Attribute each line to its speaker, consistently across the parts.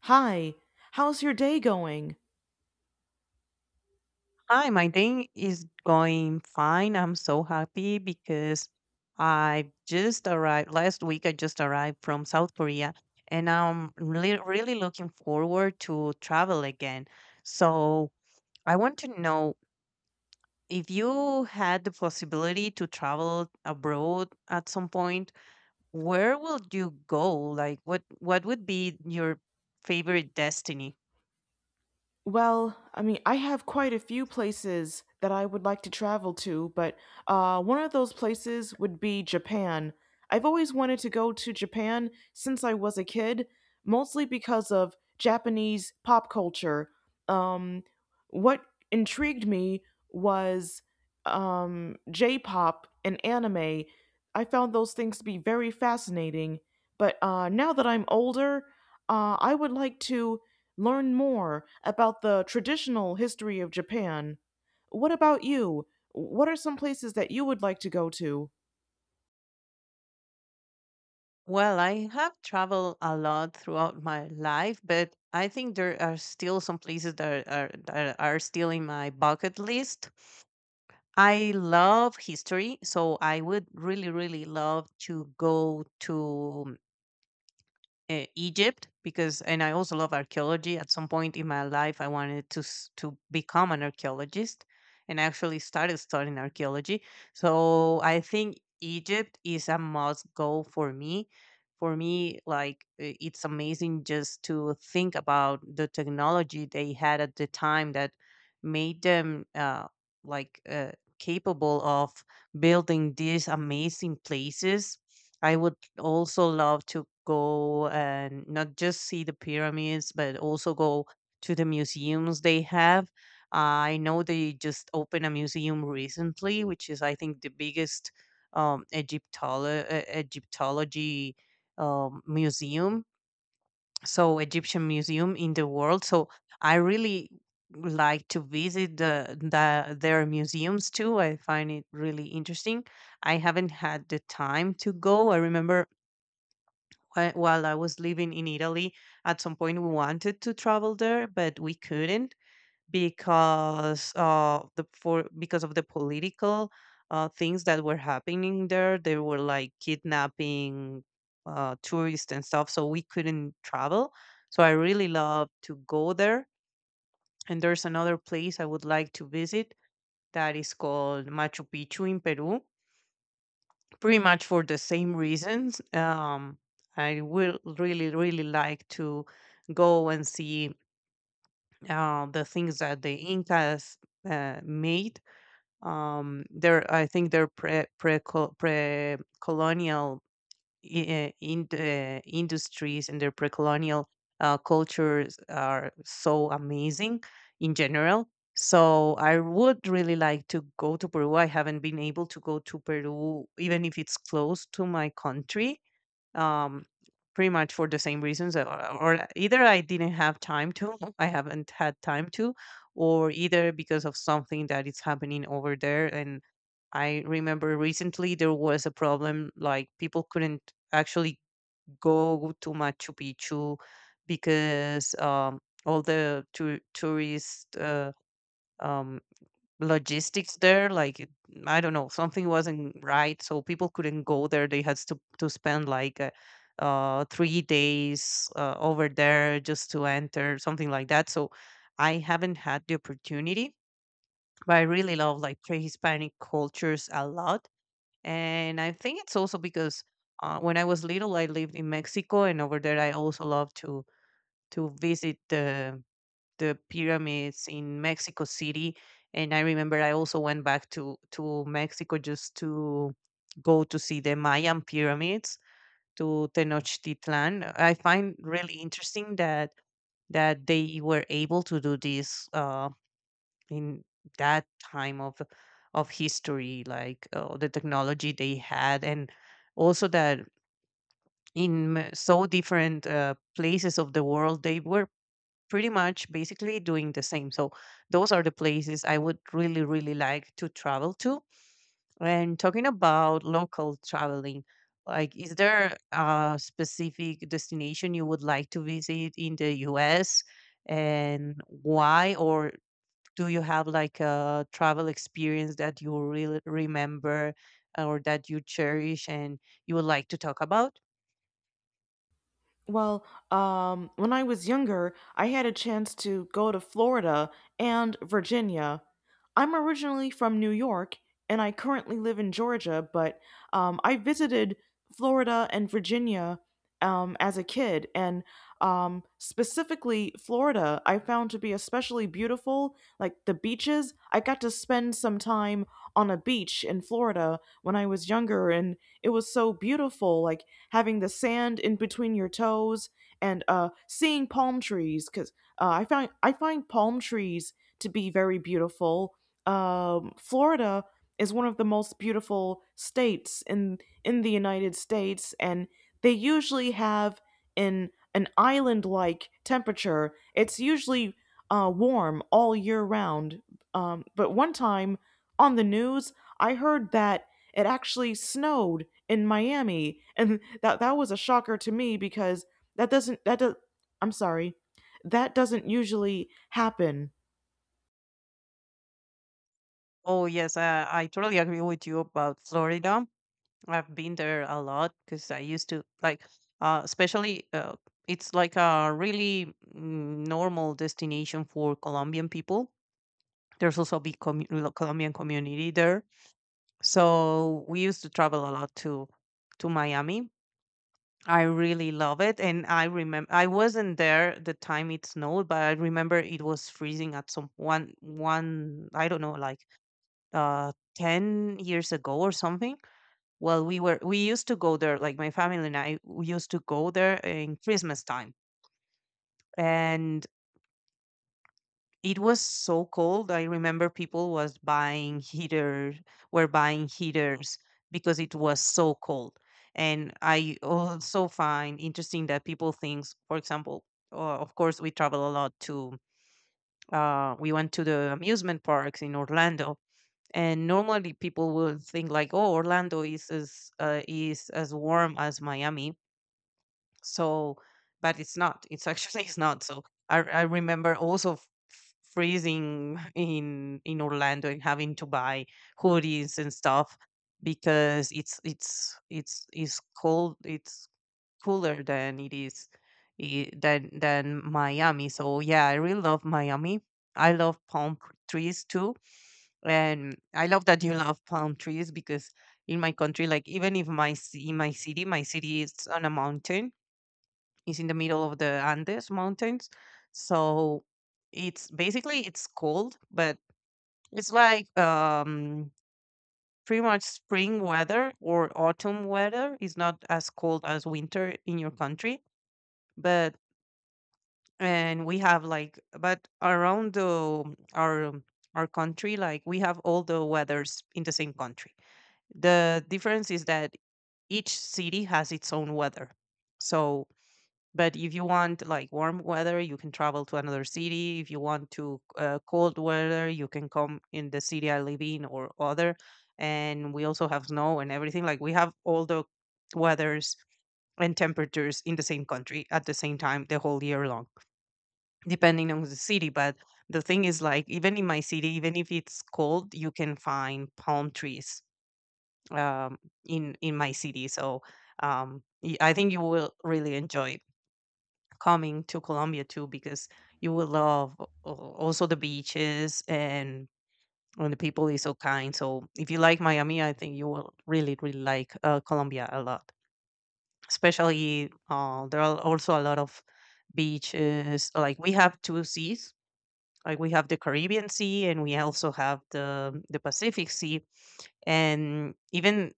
Speaker 1: Hi, how's your day going?
Speaker 2: Hi, my day is going fine. I'm so happy because I just arrived last week. I just arrived from South Korea and I'm really, really looking forward to travel again. So I want to know if you had the possibility to travel abroad at some point, where will you go? Like what would be your favorite destiny?
Speaker 1: Well, I mean, I have quite a few places that I would like to travel to, but one of those places would be Japan. I've always wanted to go to Japan since I was a kid, mostly because of Japanese pop culture. Um, what intrigued me was J pop and anime. I found those things to be very fascinating, but now that I'm older, I would like to learn more about the traditional history of Japan. What about you? What are some places that you would like to go to?
Speaker 2: Well, I have traveled a lot throughout my life, but I think there are still some places that are still in my bucket list. I love history, so I would really, really love to go to Egypt because, and I also love archaeology. At some point in my life, I wanted to to become an archaeologist, and I actually started studying archaeology. So I think Egypt is a must go for me. For me, it's amazing just to think about the technology they had at the time that made them like uh, capable of building these amazing places. I would also love to go and not just see the pyramids, but also go to the museums they have. I know they just opened a museum recently, which is, I think, the biggest Egyptology museum, so Egyptian museum in the world. So I really like to visit the their museums too. I find it really interesting. I haven't had the time to go. I remember while I was living in Italy, at some point we wanted to travel there, but we couldn't because the for because of the political things that were happening there. They were like kidnapping tourists and stuff, so we couldn't travel. So I really love to go there. And there's another place I would like to visit that is called Machu Picchu in Peru pretty much for the same reasons. I will really, really like to go and see the things that the Incas made. They're, I think, they're pre colonial in the industries and their pre-colonial cultures are so amazing in general. So I would really like to go to Peru. I haven't been able to go to Peru, even if it's close to my country um, pretty much for the same reasons, or either I didn't have time to, I haven't had time to, or either because of something that is happening over there. And I remember recently there was a problem, like people couldn't actually go to Machu Picchu because all the tour tourist um, logistics there I don't know, something wasn't right, so people couldn't go there. They had to spend like 3 days over there just to enter something like that. So I haven't had the opportunity, but I really love like pre-hispanic cultures a lot. And I think it's also because when I was little I lived in Mexico, and over there I also love to visit the pyramids in Mexico City. And I remember I also went back to Mexico just to go to see the Mayan pyramids to Tenochtitlan. I find really interesting that that they were able to do this in that time of history, like the technology they had, and also that so different places of the world they were pretty much basically doing the same. So those are the places I would really, really like to travel to. And talking about local traveling, like is there a specific destination you would like to visit in the US and why? Or do you have like a travel experience that you really remember or that you cherish and you would like to talk about?
Speaker 1: Well, when I was younger, I had a chance to go to Florida and Virginia. I'm originally from New York, and I currently live in Georgia, but I visited Florida and Virginia as a kid, and specifically Florida, I found to be especially beautiful. Like the beaches, I got to spend some time on a beach in Florida when I was younger, and it was so beautiful. Like having the sand in between your toes and seeing palm trees because I find palm trees to be very beautiful. Florida is one of the most beautiful states in the United States, and they usually have an island like temperature. It's usually warm all year round. But one time on the news, I heard that it actually snowed in Miami, and that was a shocker to me because that doesn't that does I'm sorry, that doesn't usually happen.
Speaker 2: Oh, yes, I totally agree with you about Florida. I've been there a lot because I used to like, especially it's like a really normal destination for Colombian people. There's also a big Colombian community there, so we used to travel a lot to Miami. I really love it, and I remember I wasn't there the time it snowed, but I remember it was freezing at some one I don't know, like 10 years ago or something. Well, we used to go there, like my family and I, we used to go there in Christmas time. And it was so cold. I remember people was buying heaters, were buying heaters because it was so cold. And I also find interesting that people thinks, for example, of course we travel a lot to we went to the amusement parks in Orlando, and normally people will think like, oh, Orlando is as warm as Miami. So, but it's not. It's actually it's not. So I remember also freezing in Orlando and having to buy hoodies and stuff because it's cold. It's cooler than it is than Miami. So yeah, I really love Miami. I love trees too, and I love that you love palm trees because in my country, like even if in my city is on a mountain, it's in the middle of the Andes mountains, so it's basically it's cold, but it's like pretty much spring weather or autumn weather. It's not as cold as winter in your country, but and we have like but around the our our country, like we have all the weathers in the same country. The difference is that each city has its own weather. So but if you want like warm weather, you can travel to another city. If you want to cold weather, you can come in the city I live in or other. And we also have snow and everything. Like we have all the weathers and temperatures in the same country at the same time the whole year long, depending on the city. But the thing is, like even in my city, even if it's cold, you can find palm trees um, in my city. So I think you will really enjoy coming to Colombia too, because you will love also the beaches and the people is so kind. So if you like Miami, I think you will really really like Colombia a lot. Especially there are also a lot of beaches. Like we have two seas. Like we have the Caribbean Sea, and we also have the Pacific Sea. And even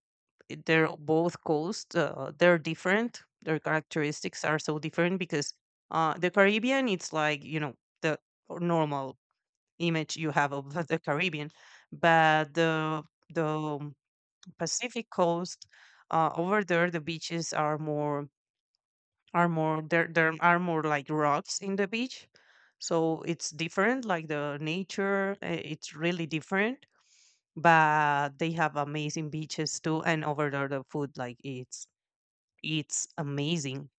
Speaker 2: they're both coasts. They're different. Their characteristics are so different because the Caribbean, it's like, you know, the normal image you have of the Caribbean, but the Pacific coast over there, the beaches are more there are more like rocks in the beach, so it's different. Like the nature, it's really different, but they have amazing beaches too. And over there the food, like, it's amazing.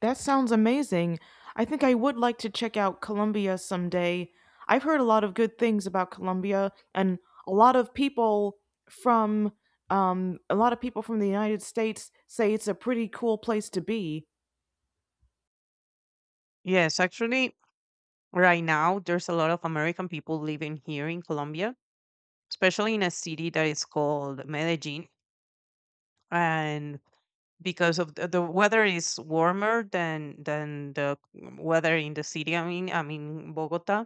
Speaker 1: That sounds amazing. I think I would like to check out Colombia someday. I've heard a lot of good things about Colombia, and a lot of people from a lot of people from the United States say it's a pretty cool place to be.
Speaker 2: Yes, actually, right now there's a lot of American people living here in Colombia, especially in a city that is called Medellin. And because of the weather is warmer than the weather in the city. I mean Bogota.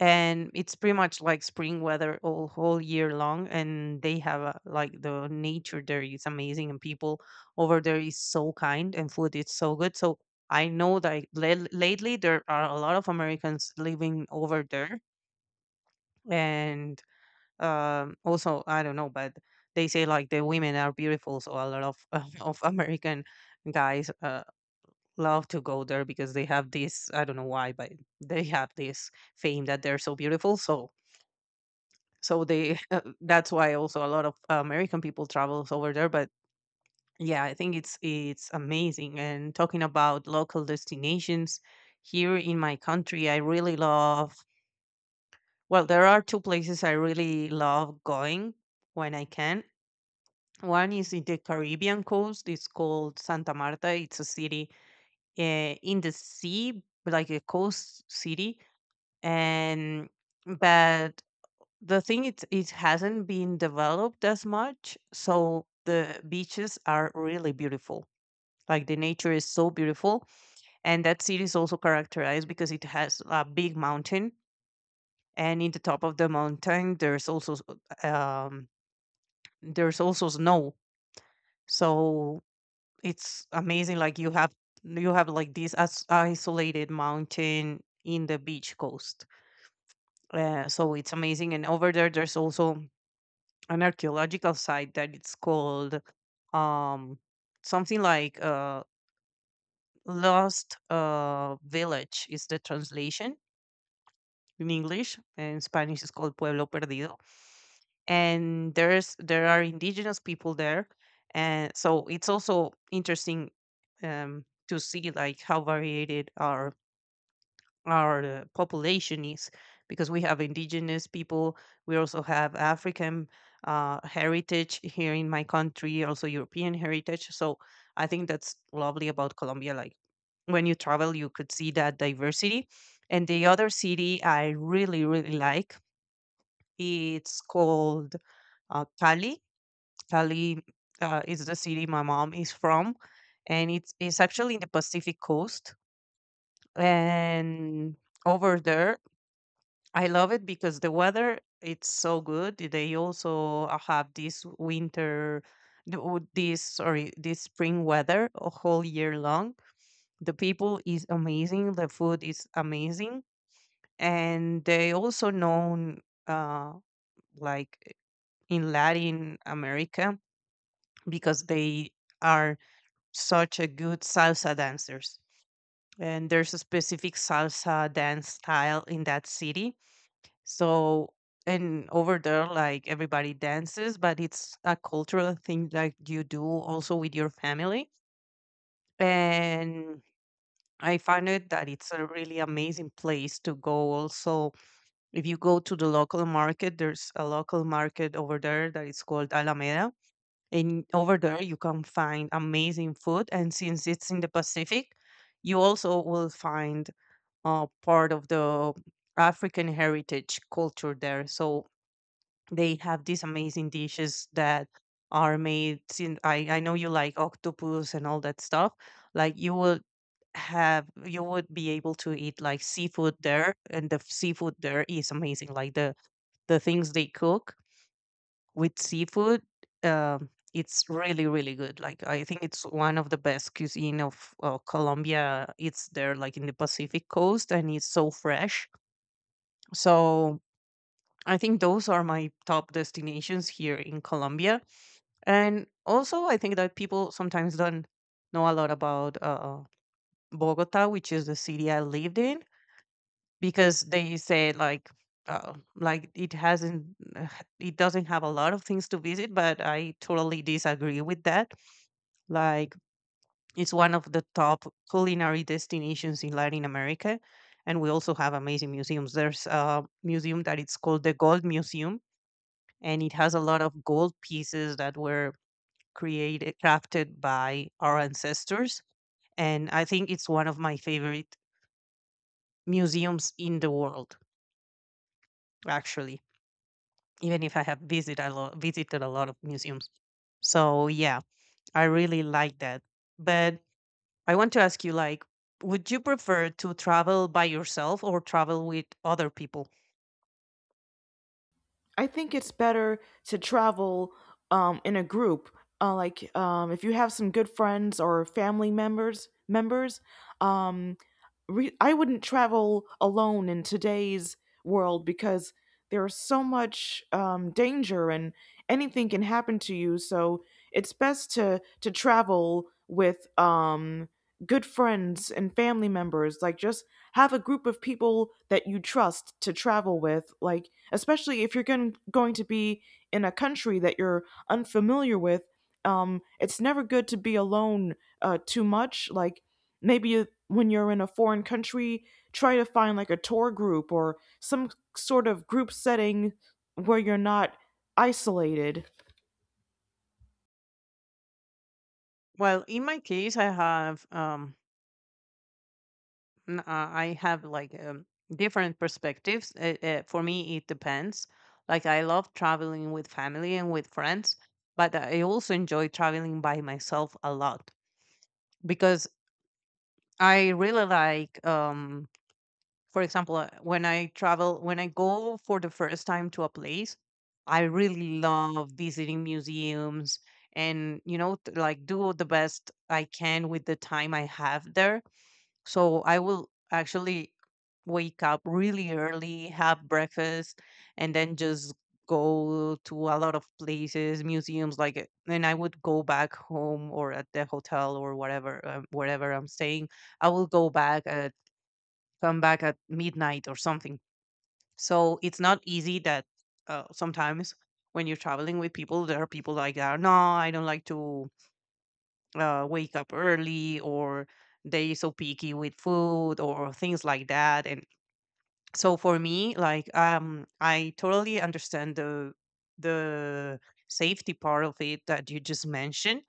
Speaker 2: And it's pretty much like spring weather all whole year long, and they have a, like the nature there is amazing, and people over there is so kind, and food is so good. So I know that lately there are a lot of Americans living over there. And also, I don't know, but they say like the women are beautiful, so a lot of of American guys love to go there because they have this, I don't know why, but they have this fame that they're so beautiful. So so they that's why also a lot of American people travels over there. But yeah, I think it's amazing. And talking about local destinations here in my country, I really love. Well, there are two places I really love going when I can. One is in the Caribbean coast. It's called Santa Marta. It's a city in the sea, like a coast city, and but the thing it hasn't been developed as much, so the beaches are really beautiful. Like the nature is so beautiful, and that city is also characterized because it has a big mountain, and in the top of the mountain there's also there's also snow. So it's amazing. Like you have like this as isolated mountain in the beach coast. So it's amazing. And over there there's also an archaeological site that it's called um something like lost village is the translation in English, and in Spanish is called pueblo perdido. And there are indigenous people there, and so it's also interesting to see like how varied our population is, because we have indigenous people. We also have African heritage here in my country, also European heritage. So I think that's lovely about Colombia, like when you travel you could see that diversity. And the other city I really really like, it's called Cali. Cali is the city my mom is from, and it's actually in the Pacific coast. And over there, I love it because the weather it's so good. They also have this winter, oh, this, sorry, this spring weather a whole year long. The people is amazing. The food is amazing, and they also known uh, like in Latin America because they are such a good salsa dancers. And there's a specific salsa dance style in that city. So, and over there, like everybody dances, but it's a cultural thing that you do also with your family. And I found it that it's a really amazing place to go. Also, if you go to the local market, there's a local market over there that is called Alameda. And over there, you can find amazing food. And since it's in the Pacific, you also will find part of the African heritage culture there. So they have these amazing dishes that are made. Since I know you like octopus and all that stuff, like you would be able to eat like seafood there, and the seafood there is amazing, like the things they cook with seafood. It's really really good. Like I think it's one of the best cuisine of Colombia, it's there, like in the Pacific coast, and it's so fresh. So I think those are my top destinations here in Colombia. And also, I think that people sometimes don't know a lot about Bogota, which is the city I lived in, because they say like uh, it doesn't have a lot of things to visit, but I totally disagree with that. Like it's one of the top culinary destinations in Latin America, and we also have amazing museums. There's a museum that it's called the Gold Museum, and it has a lot of gold pieces that were created crafted by our ancestors. And I think it's one of my favorite museums in the world, actually, even if I have visited a lot of museums. So yeah, I really like that. But I want to ask you, like, would you prefer to travel by yourself or travel with other people?
Speaker 1: I think it's better to travel in a group. Like if you have some good friends or family members, um, I wouldn't travel alone in today's world because there's so much danger and anything can happen to you. So it's best to travel with good friends and family members. Like just have a group of people that you trust to travel with. Like especially if you're going to be in a country that you're unfamiliar with. It's never good to be alone too much. Like when you're in a foreign country, try to find like a tour group or some sort of group setting where you're not isolated.
Speaker 2: Well, in my case, I have like different perspectives. For me, it depends. Like I love traveling with family and with friends, but I also enjoy traveling by myself a lot, because I really like, for example, when when I go for the first time to a place, I really love visiting museums, and like do the best I can with the time I have there. So I will actually wake up really early, have breakfast, and then just go to a lot of places, museums, like it. And I would go back home or at the hotel or whatever, wherever I'm staying. I will go back at come back at midnight or something. So it's not easy that sometimes when you're traveling with people, there are people like that. No, I don't like to wake up early, or they so picky with food or things like that. And so for me, like I totally understand the the safety part of it that you just mentioned.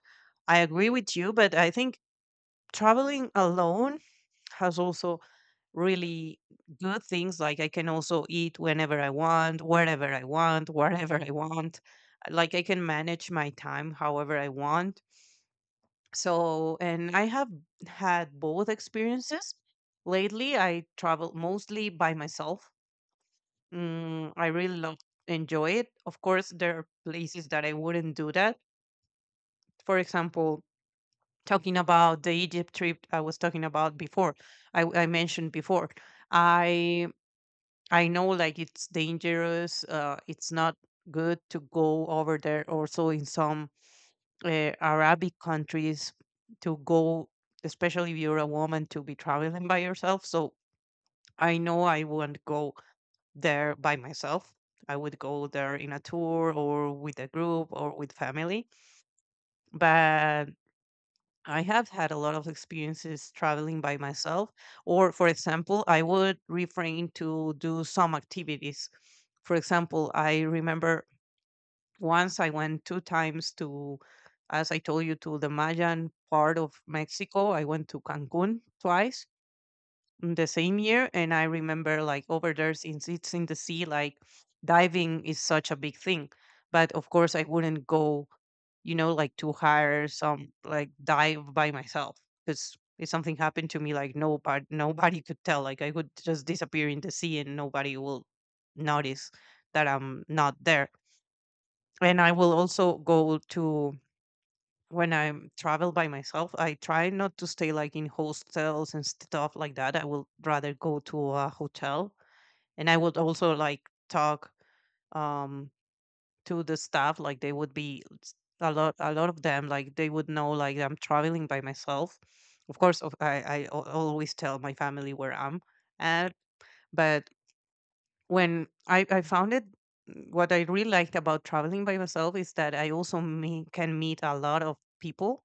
Speaker 2: I agree with you, but I think traveling alone has also really good things, like I can also eat whenever I want, wherever I want. Like I can manage my time however I want. So, and I have had both experiences. Lately, I travel mostly by myself. I really love enjoy it. Of course, there are places that I wouldn't do that. For example, talking about the Egypt trip I was talking about before, I mentioned before. I I know like it's dangerous. It's not good to go over there. Also, in some Arabic countries to go, especially if you're a woman, to be traveling by yourself. So I know I won't go there by myself. I would go there in a tour or with a group or with family. But I have had a lot of experiences traveling by myself. Or, for example, I would refrain to do some activities. For example, I remember once I went 2 times to, as I told you, to the Mayan part of Mexico. I went to Cancun twice in the same year. And I remember, like over there, since it's in the sea, like diving is such a big thing. But of course, I wouldn't go, like, to hire some, like, dive by myself, because if something happened to me, like nobody, nobody could tell. Like I would just disappear in the sea and nobody will notice that I'm not there. And I will also go to when I travel by myself, I try not to stay like in hostels and stuff like that. I will rather go to a hotel. And I would also like talk um to the staff, like they would be s- a lot of them, like, they would know like I'm traveling by myself. Of course, always tell my family where I'm at. But when I found it, what I really liked about traveling by myself is that I also me can meet a lot of people,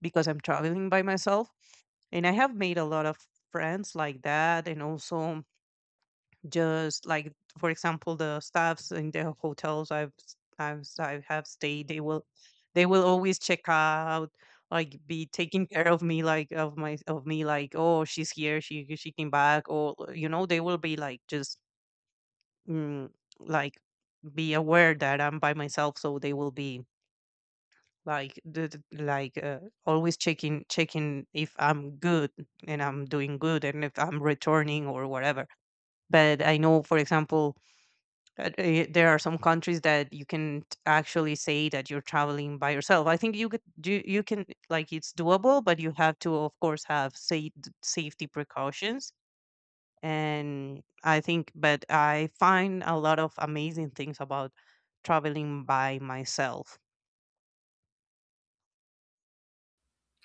Speaker 2: because I'm traveling by myself. And I have made a lot of friends like that. And also, just like, for example, the staffs in the hotels I have stayed, they will always check out, like be taking care of me, like of me, like, oh, she's here, she came back. Or they will be like just mm, like be aware that I'm by myself, so they will be like always checking if I'm good and I'm doing good and if I'm returning or whatever. But I know, for example, there are some countries that actually say that you're traveling by yourself. I think you can, like, it's doable, but you have to of course have safety precautions. And i think but I find a lot of amazing things about traveling by myself.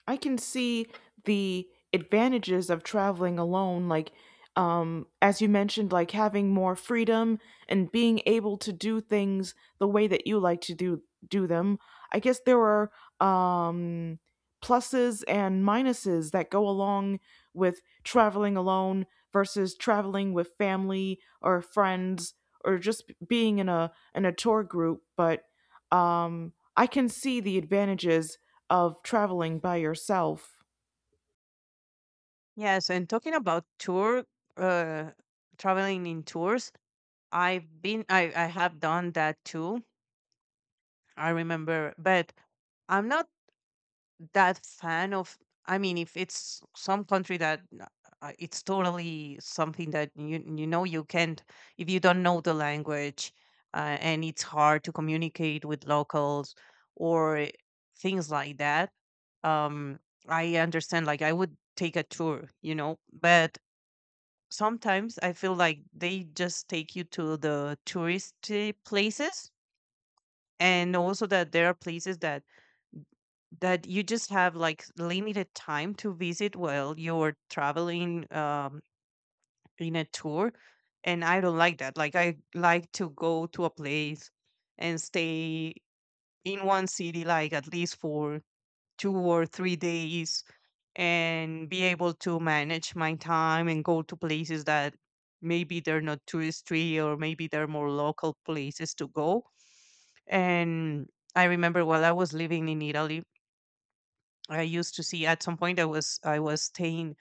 Speaker 1: I can see the advantages of traveling alone, like, as you mentioned, like having more freedom and being able to do things the way that you like to do them. I guess there are um, pluses and minuses that go along with traveling alone versus traveling with family or friends or just being in a tour group. But I can see the advantages of traveling by yourself.
Speaker 2: Yes, and talking about tour, uh traveling in tours, I've been I have done that too, I remember. But I'm not that fan of... I mean, if it's some country it's totally something that you know you can't... If you don't know the language and it's hard to communicate with locals or things like that, um I understand, like I would take a tour, but sometimes I feel like they just take you to the touristy places. And also that there are places that you just have like limited time to visit while you're traveling in a tour. And I don't like that. Like I like to go to a place and stay in one city like at least for 2 or 3 days, and be able to manage my time and go to places that maybe they're not touristy or maybe they're more local places to go. And I remember while I was living in Italy, I used to see at some point I was staying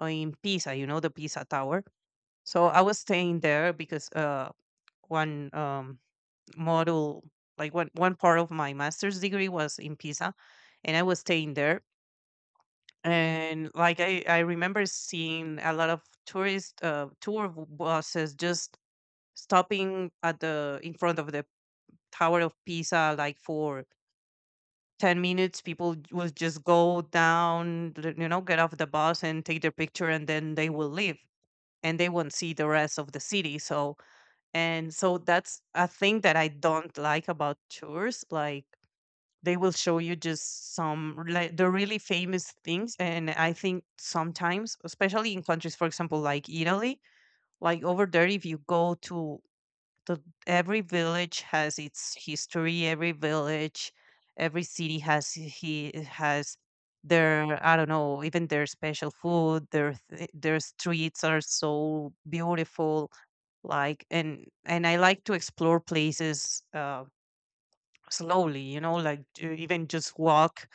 Speaker 2: in Pisa, the Pisa Tower. So I was staying there because one model like one part of my master's degree was in Pisa, and I was staying there. And like I remember seeing a lot of tourist tour buses just stopping at the in front of the Tower of Pisa like for 10 minutes. People will just go down get off the bus and take their picture, and then they will leave, and they won't see the rest of the city. So, and so that's a thing that I don't like about tours. Like they will show you just some, like, the really famous things. And I think sometimes especially in countries, for example, like Italy, like over there, if you go to the every village has its history. Every village, every city has their, I don't know, even their special food, their streets are so beautiful. Like and I like to explore places slowly, like, to even just walk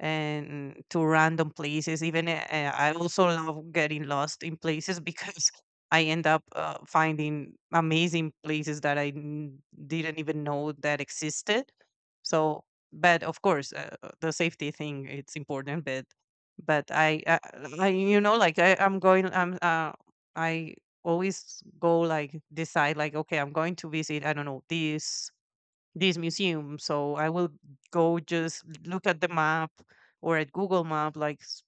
Speaker 2: and to random places. Even I also love getting lost in places because I end up finding amazing places that didn't even know that existed. So, but of course, the safety thing it's important, but but I, I, I like I always go like decide like okay, I'm going to visit, I don't know, this museum. So I will go just look at the map or at Google Map, like s-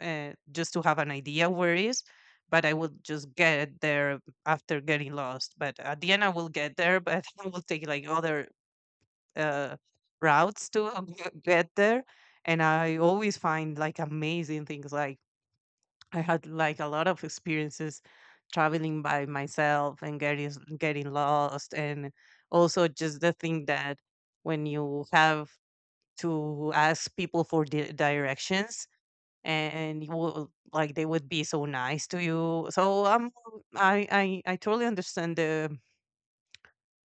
Speaker 2: uh, just to have an idea where it is. But I will just get there after getting lost. But at the end, I will get there. But I will take like other uh, routes to get there. And I always find like amazing things, like I had like a lot of experiences traveling by myself and getting lost, and also just the thing that when you have to ask people for directions, and you will, like they would be so nice to you. So I totally understand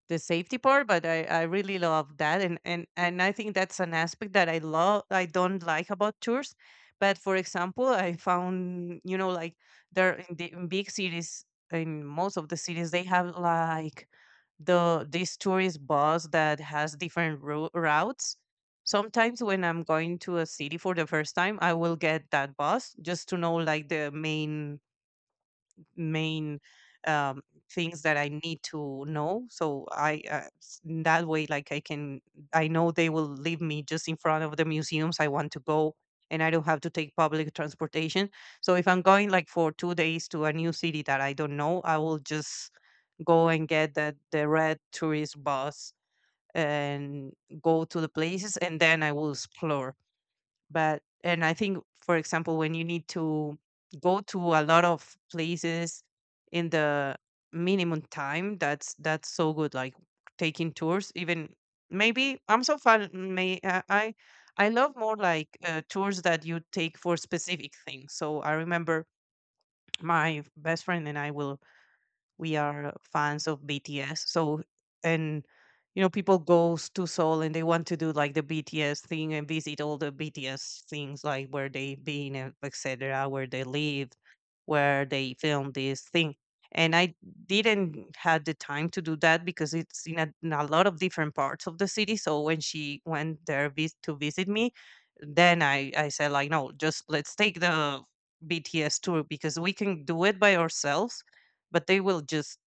Speaker 2: the safety part, but I really love that, and I think that's an aspect that I don't like about tours. But for example, I found, you know, like there in the in big cities, in most of the cities they have like the this tourist bus that has different routes. Sometimes when I'm going to a city for the first time, I will get that bus just to know like the main main um, things that I need to know. So in that way, like I know they will leave me just in front of the museums I want to go, and I don't have to take public transportation. So if I'm going like for 2 days to a new city that I don't know, I will just go and get the red tourist bus and go to the places, and then I will explore. But and I think for example when you need to go to a lot of places in the minimum time, that's so good, like taking tours. Even maybe I'm so fun may I love more like tours that you take for specific things. So I remember my best friend and I will we are fans of BTS. So, and you know, people goes to Seoul and they want to do like the BTS thing and visit all the BTS things like where they been, and etc. Where they live, where they filmed this thing. And I didn't had the time to do that because it's in a lot of different parts of the city. So when she went there to visit me, then I said like, no, just let's take the BTS tour because we can do it by ourselves, but they will just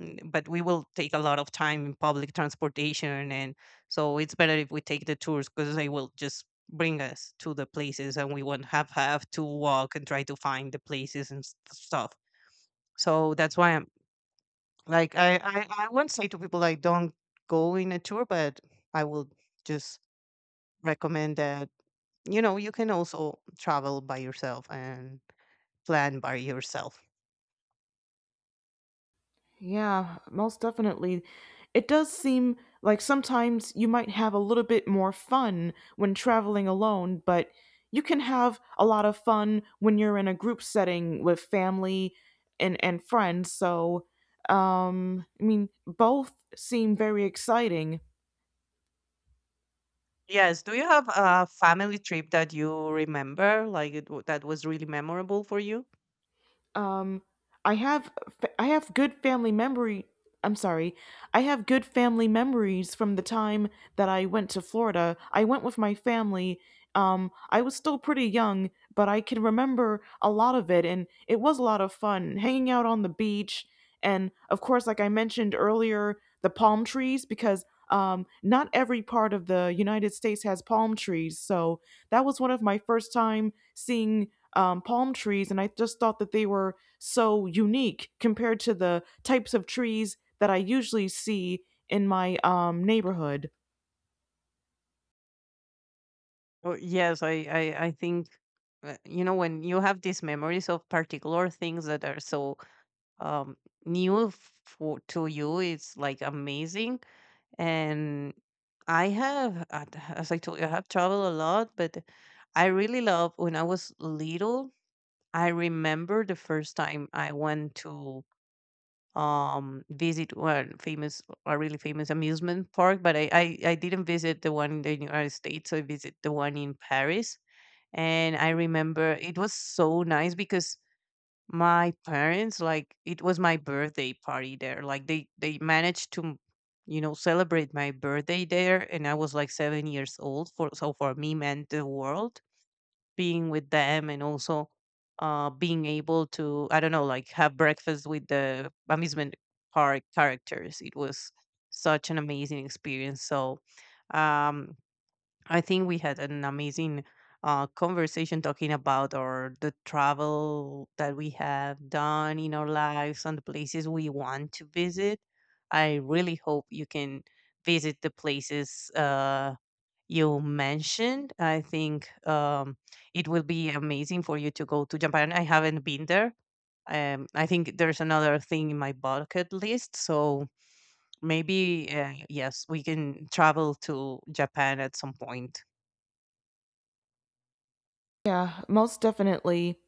Speaker 2: but we will take a lot of time in public transportation, and so it's better if we take the tours because they will just bring us to the places and we won't have to walk and try to find the places and stuff. So that's why I'm like, I won't say to people like, don't go in a tour, but I will just recommend that you know you can also travel by yourself and plan by yourself.
Speaker 1: Yeah, most definitely. It does seem like sometimes you might have a little bit more fun when traveling alone, but you can have a lot of fun when you're in a group setting with family and friends. So, I mean, both seem very exciting.
Speaker 2: Yes. Do you have a family trip that you remember, like that was really memorable for you?
Speaker 1: um i have I have good family memory. I'm sorry, I have good family memories from the time that I went to Florida. I went with my family. I was still pretty young, but I can remember a lot of it, and it was a lot of fun hanging out on the beach. And of course, like I mentioned earlier, the palm trees, because not every part of the United States has palm trees. So that was one of my first time seeing palm trees, and I just thought that they were so unique compared to the types of trees that I usually see in my neighborhood.
Speaker 2: Oh, yes, I think, you know, when you have these memories of particular things that are so um, new for, to you, it's like amazing. And I have, as I told you, I have traveled a lot, but I really love when I was little, I remember the first time I went to visit one famous a really famous amusement park. But I didn't visit the one in the United States, so I visit the one in Paris. And I remember it was so nice because my parents, like, it was my birthday party there, like they managed to, you know, celebrate my birthday there, and I was like 7 years old, for so for me meant the world, being with them. And also, being able to, I don't know, like have breakfast with the amusement park characters. It was such an amazing experience. So um, I think we had an amazing conversation talking about our the travel that we have done in our lives and the places we want to visit. I really hope you can visit the places you mentioned. I think it will be amazing for you to go to Japan. I haven't been there. I think there's another thing in my bucket list. So maybe, yes, we can travel to Japan at some point.
Speaker 1: Yeah, most definitely.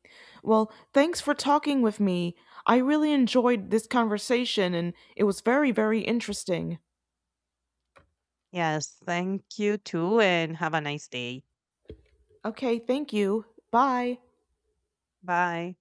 Speaker 1: Well, thanks for talking with me. I really enjoyed this conversation, and it was very, very interesting.
Speaker 2: Yes, thank you too, and have a nice day.
Speaker 1: Okay, thank you. Bye.
Speaker 2: Bye.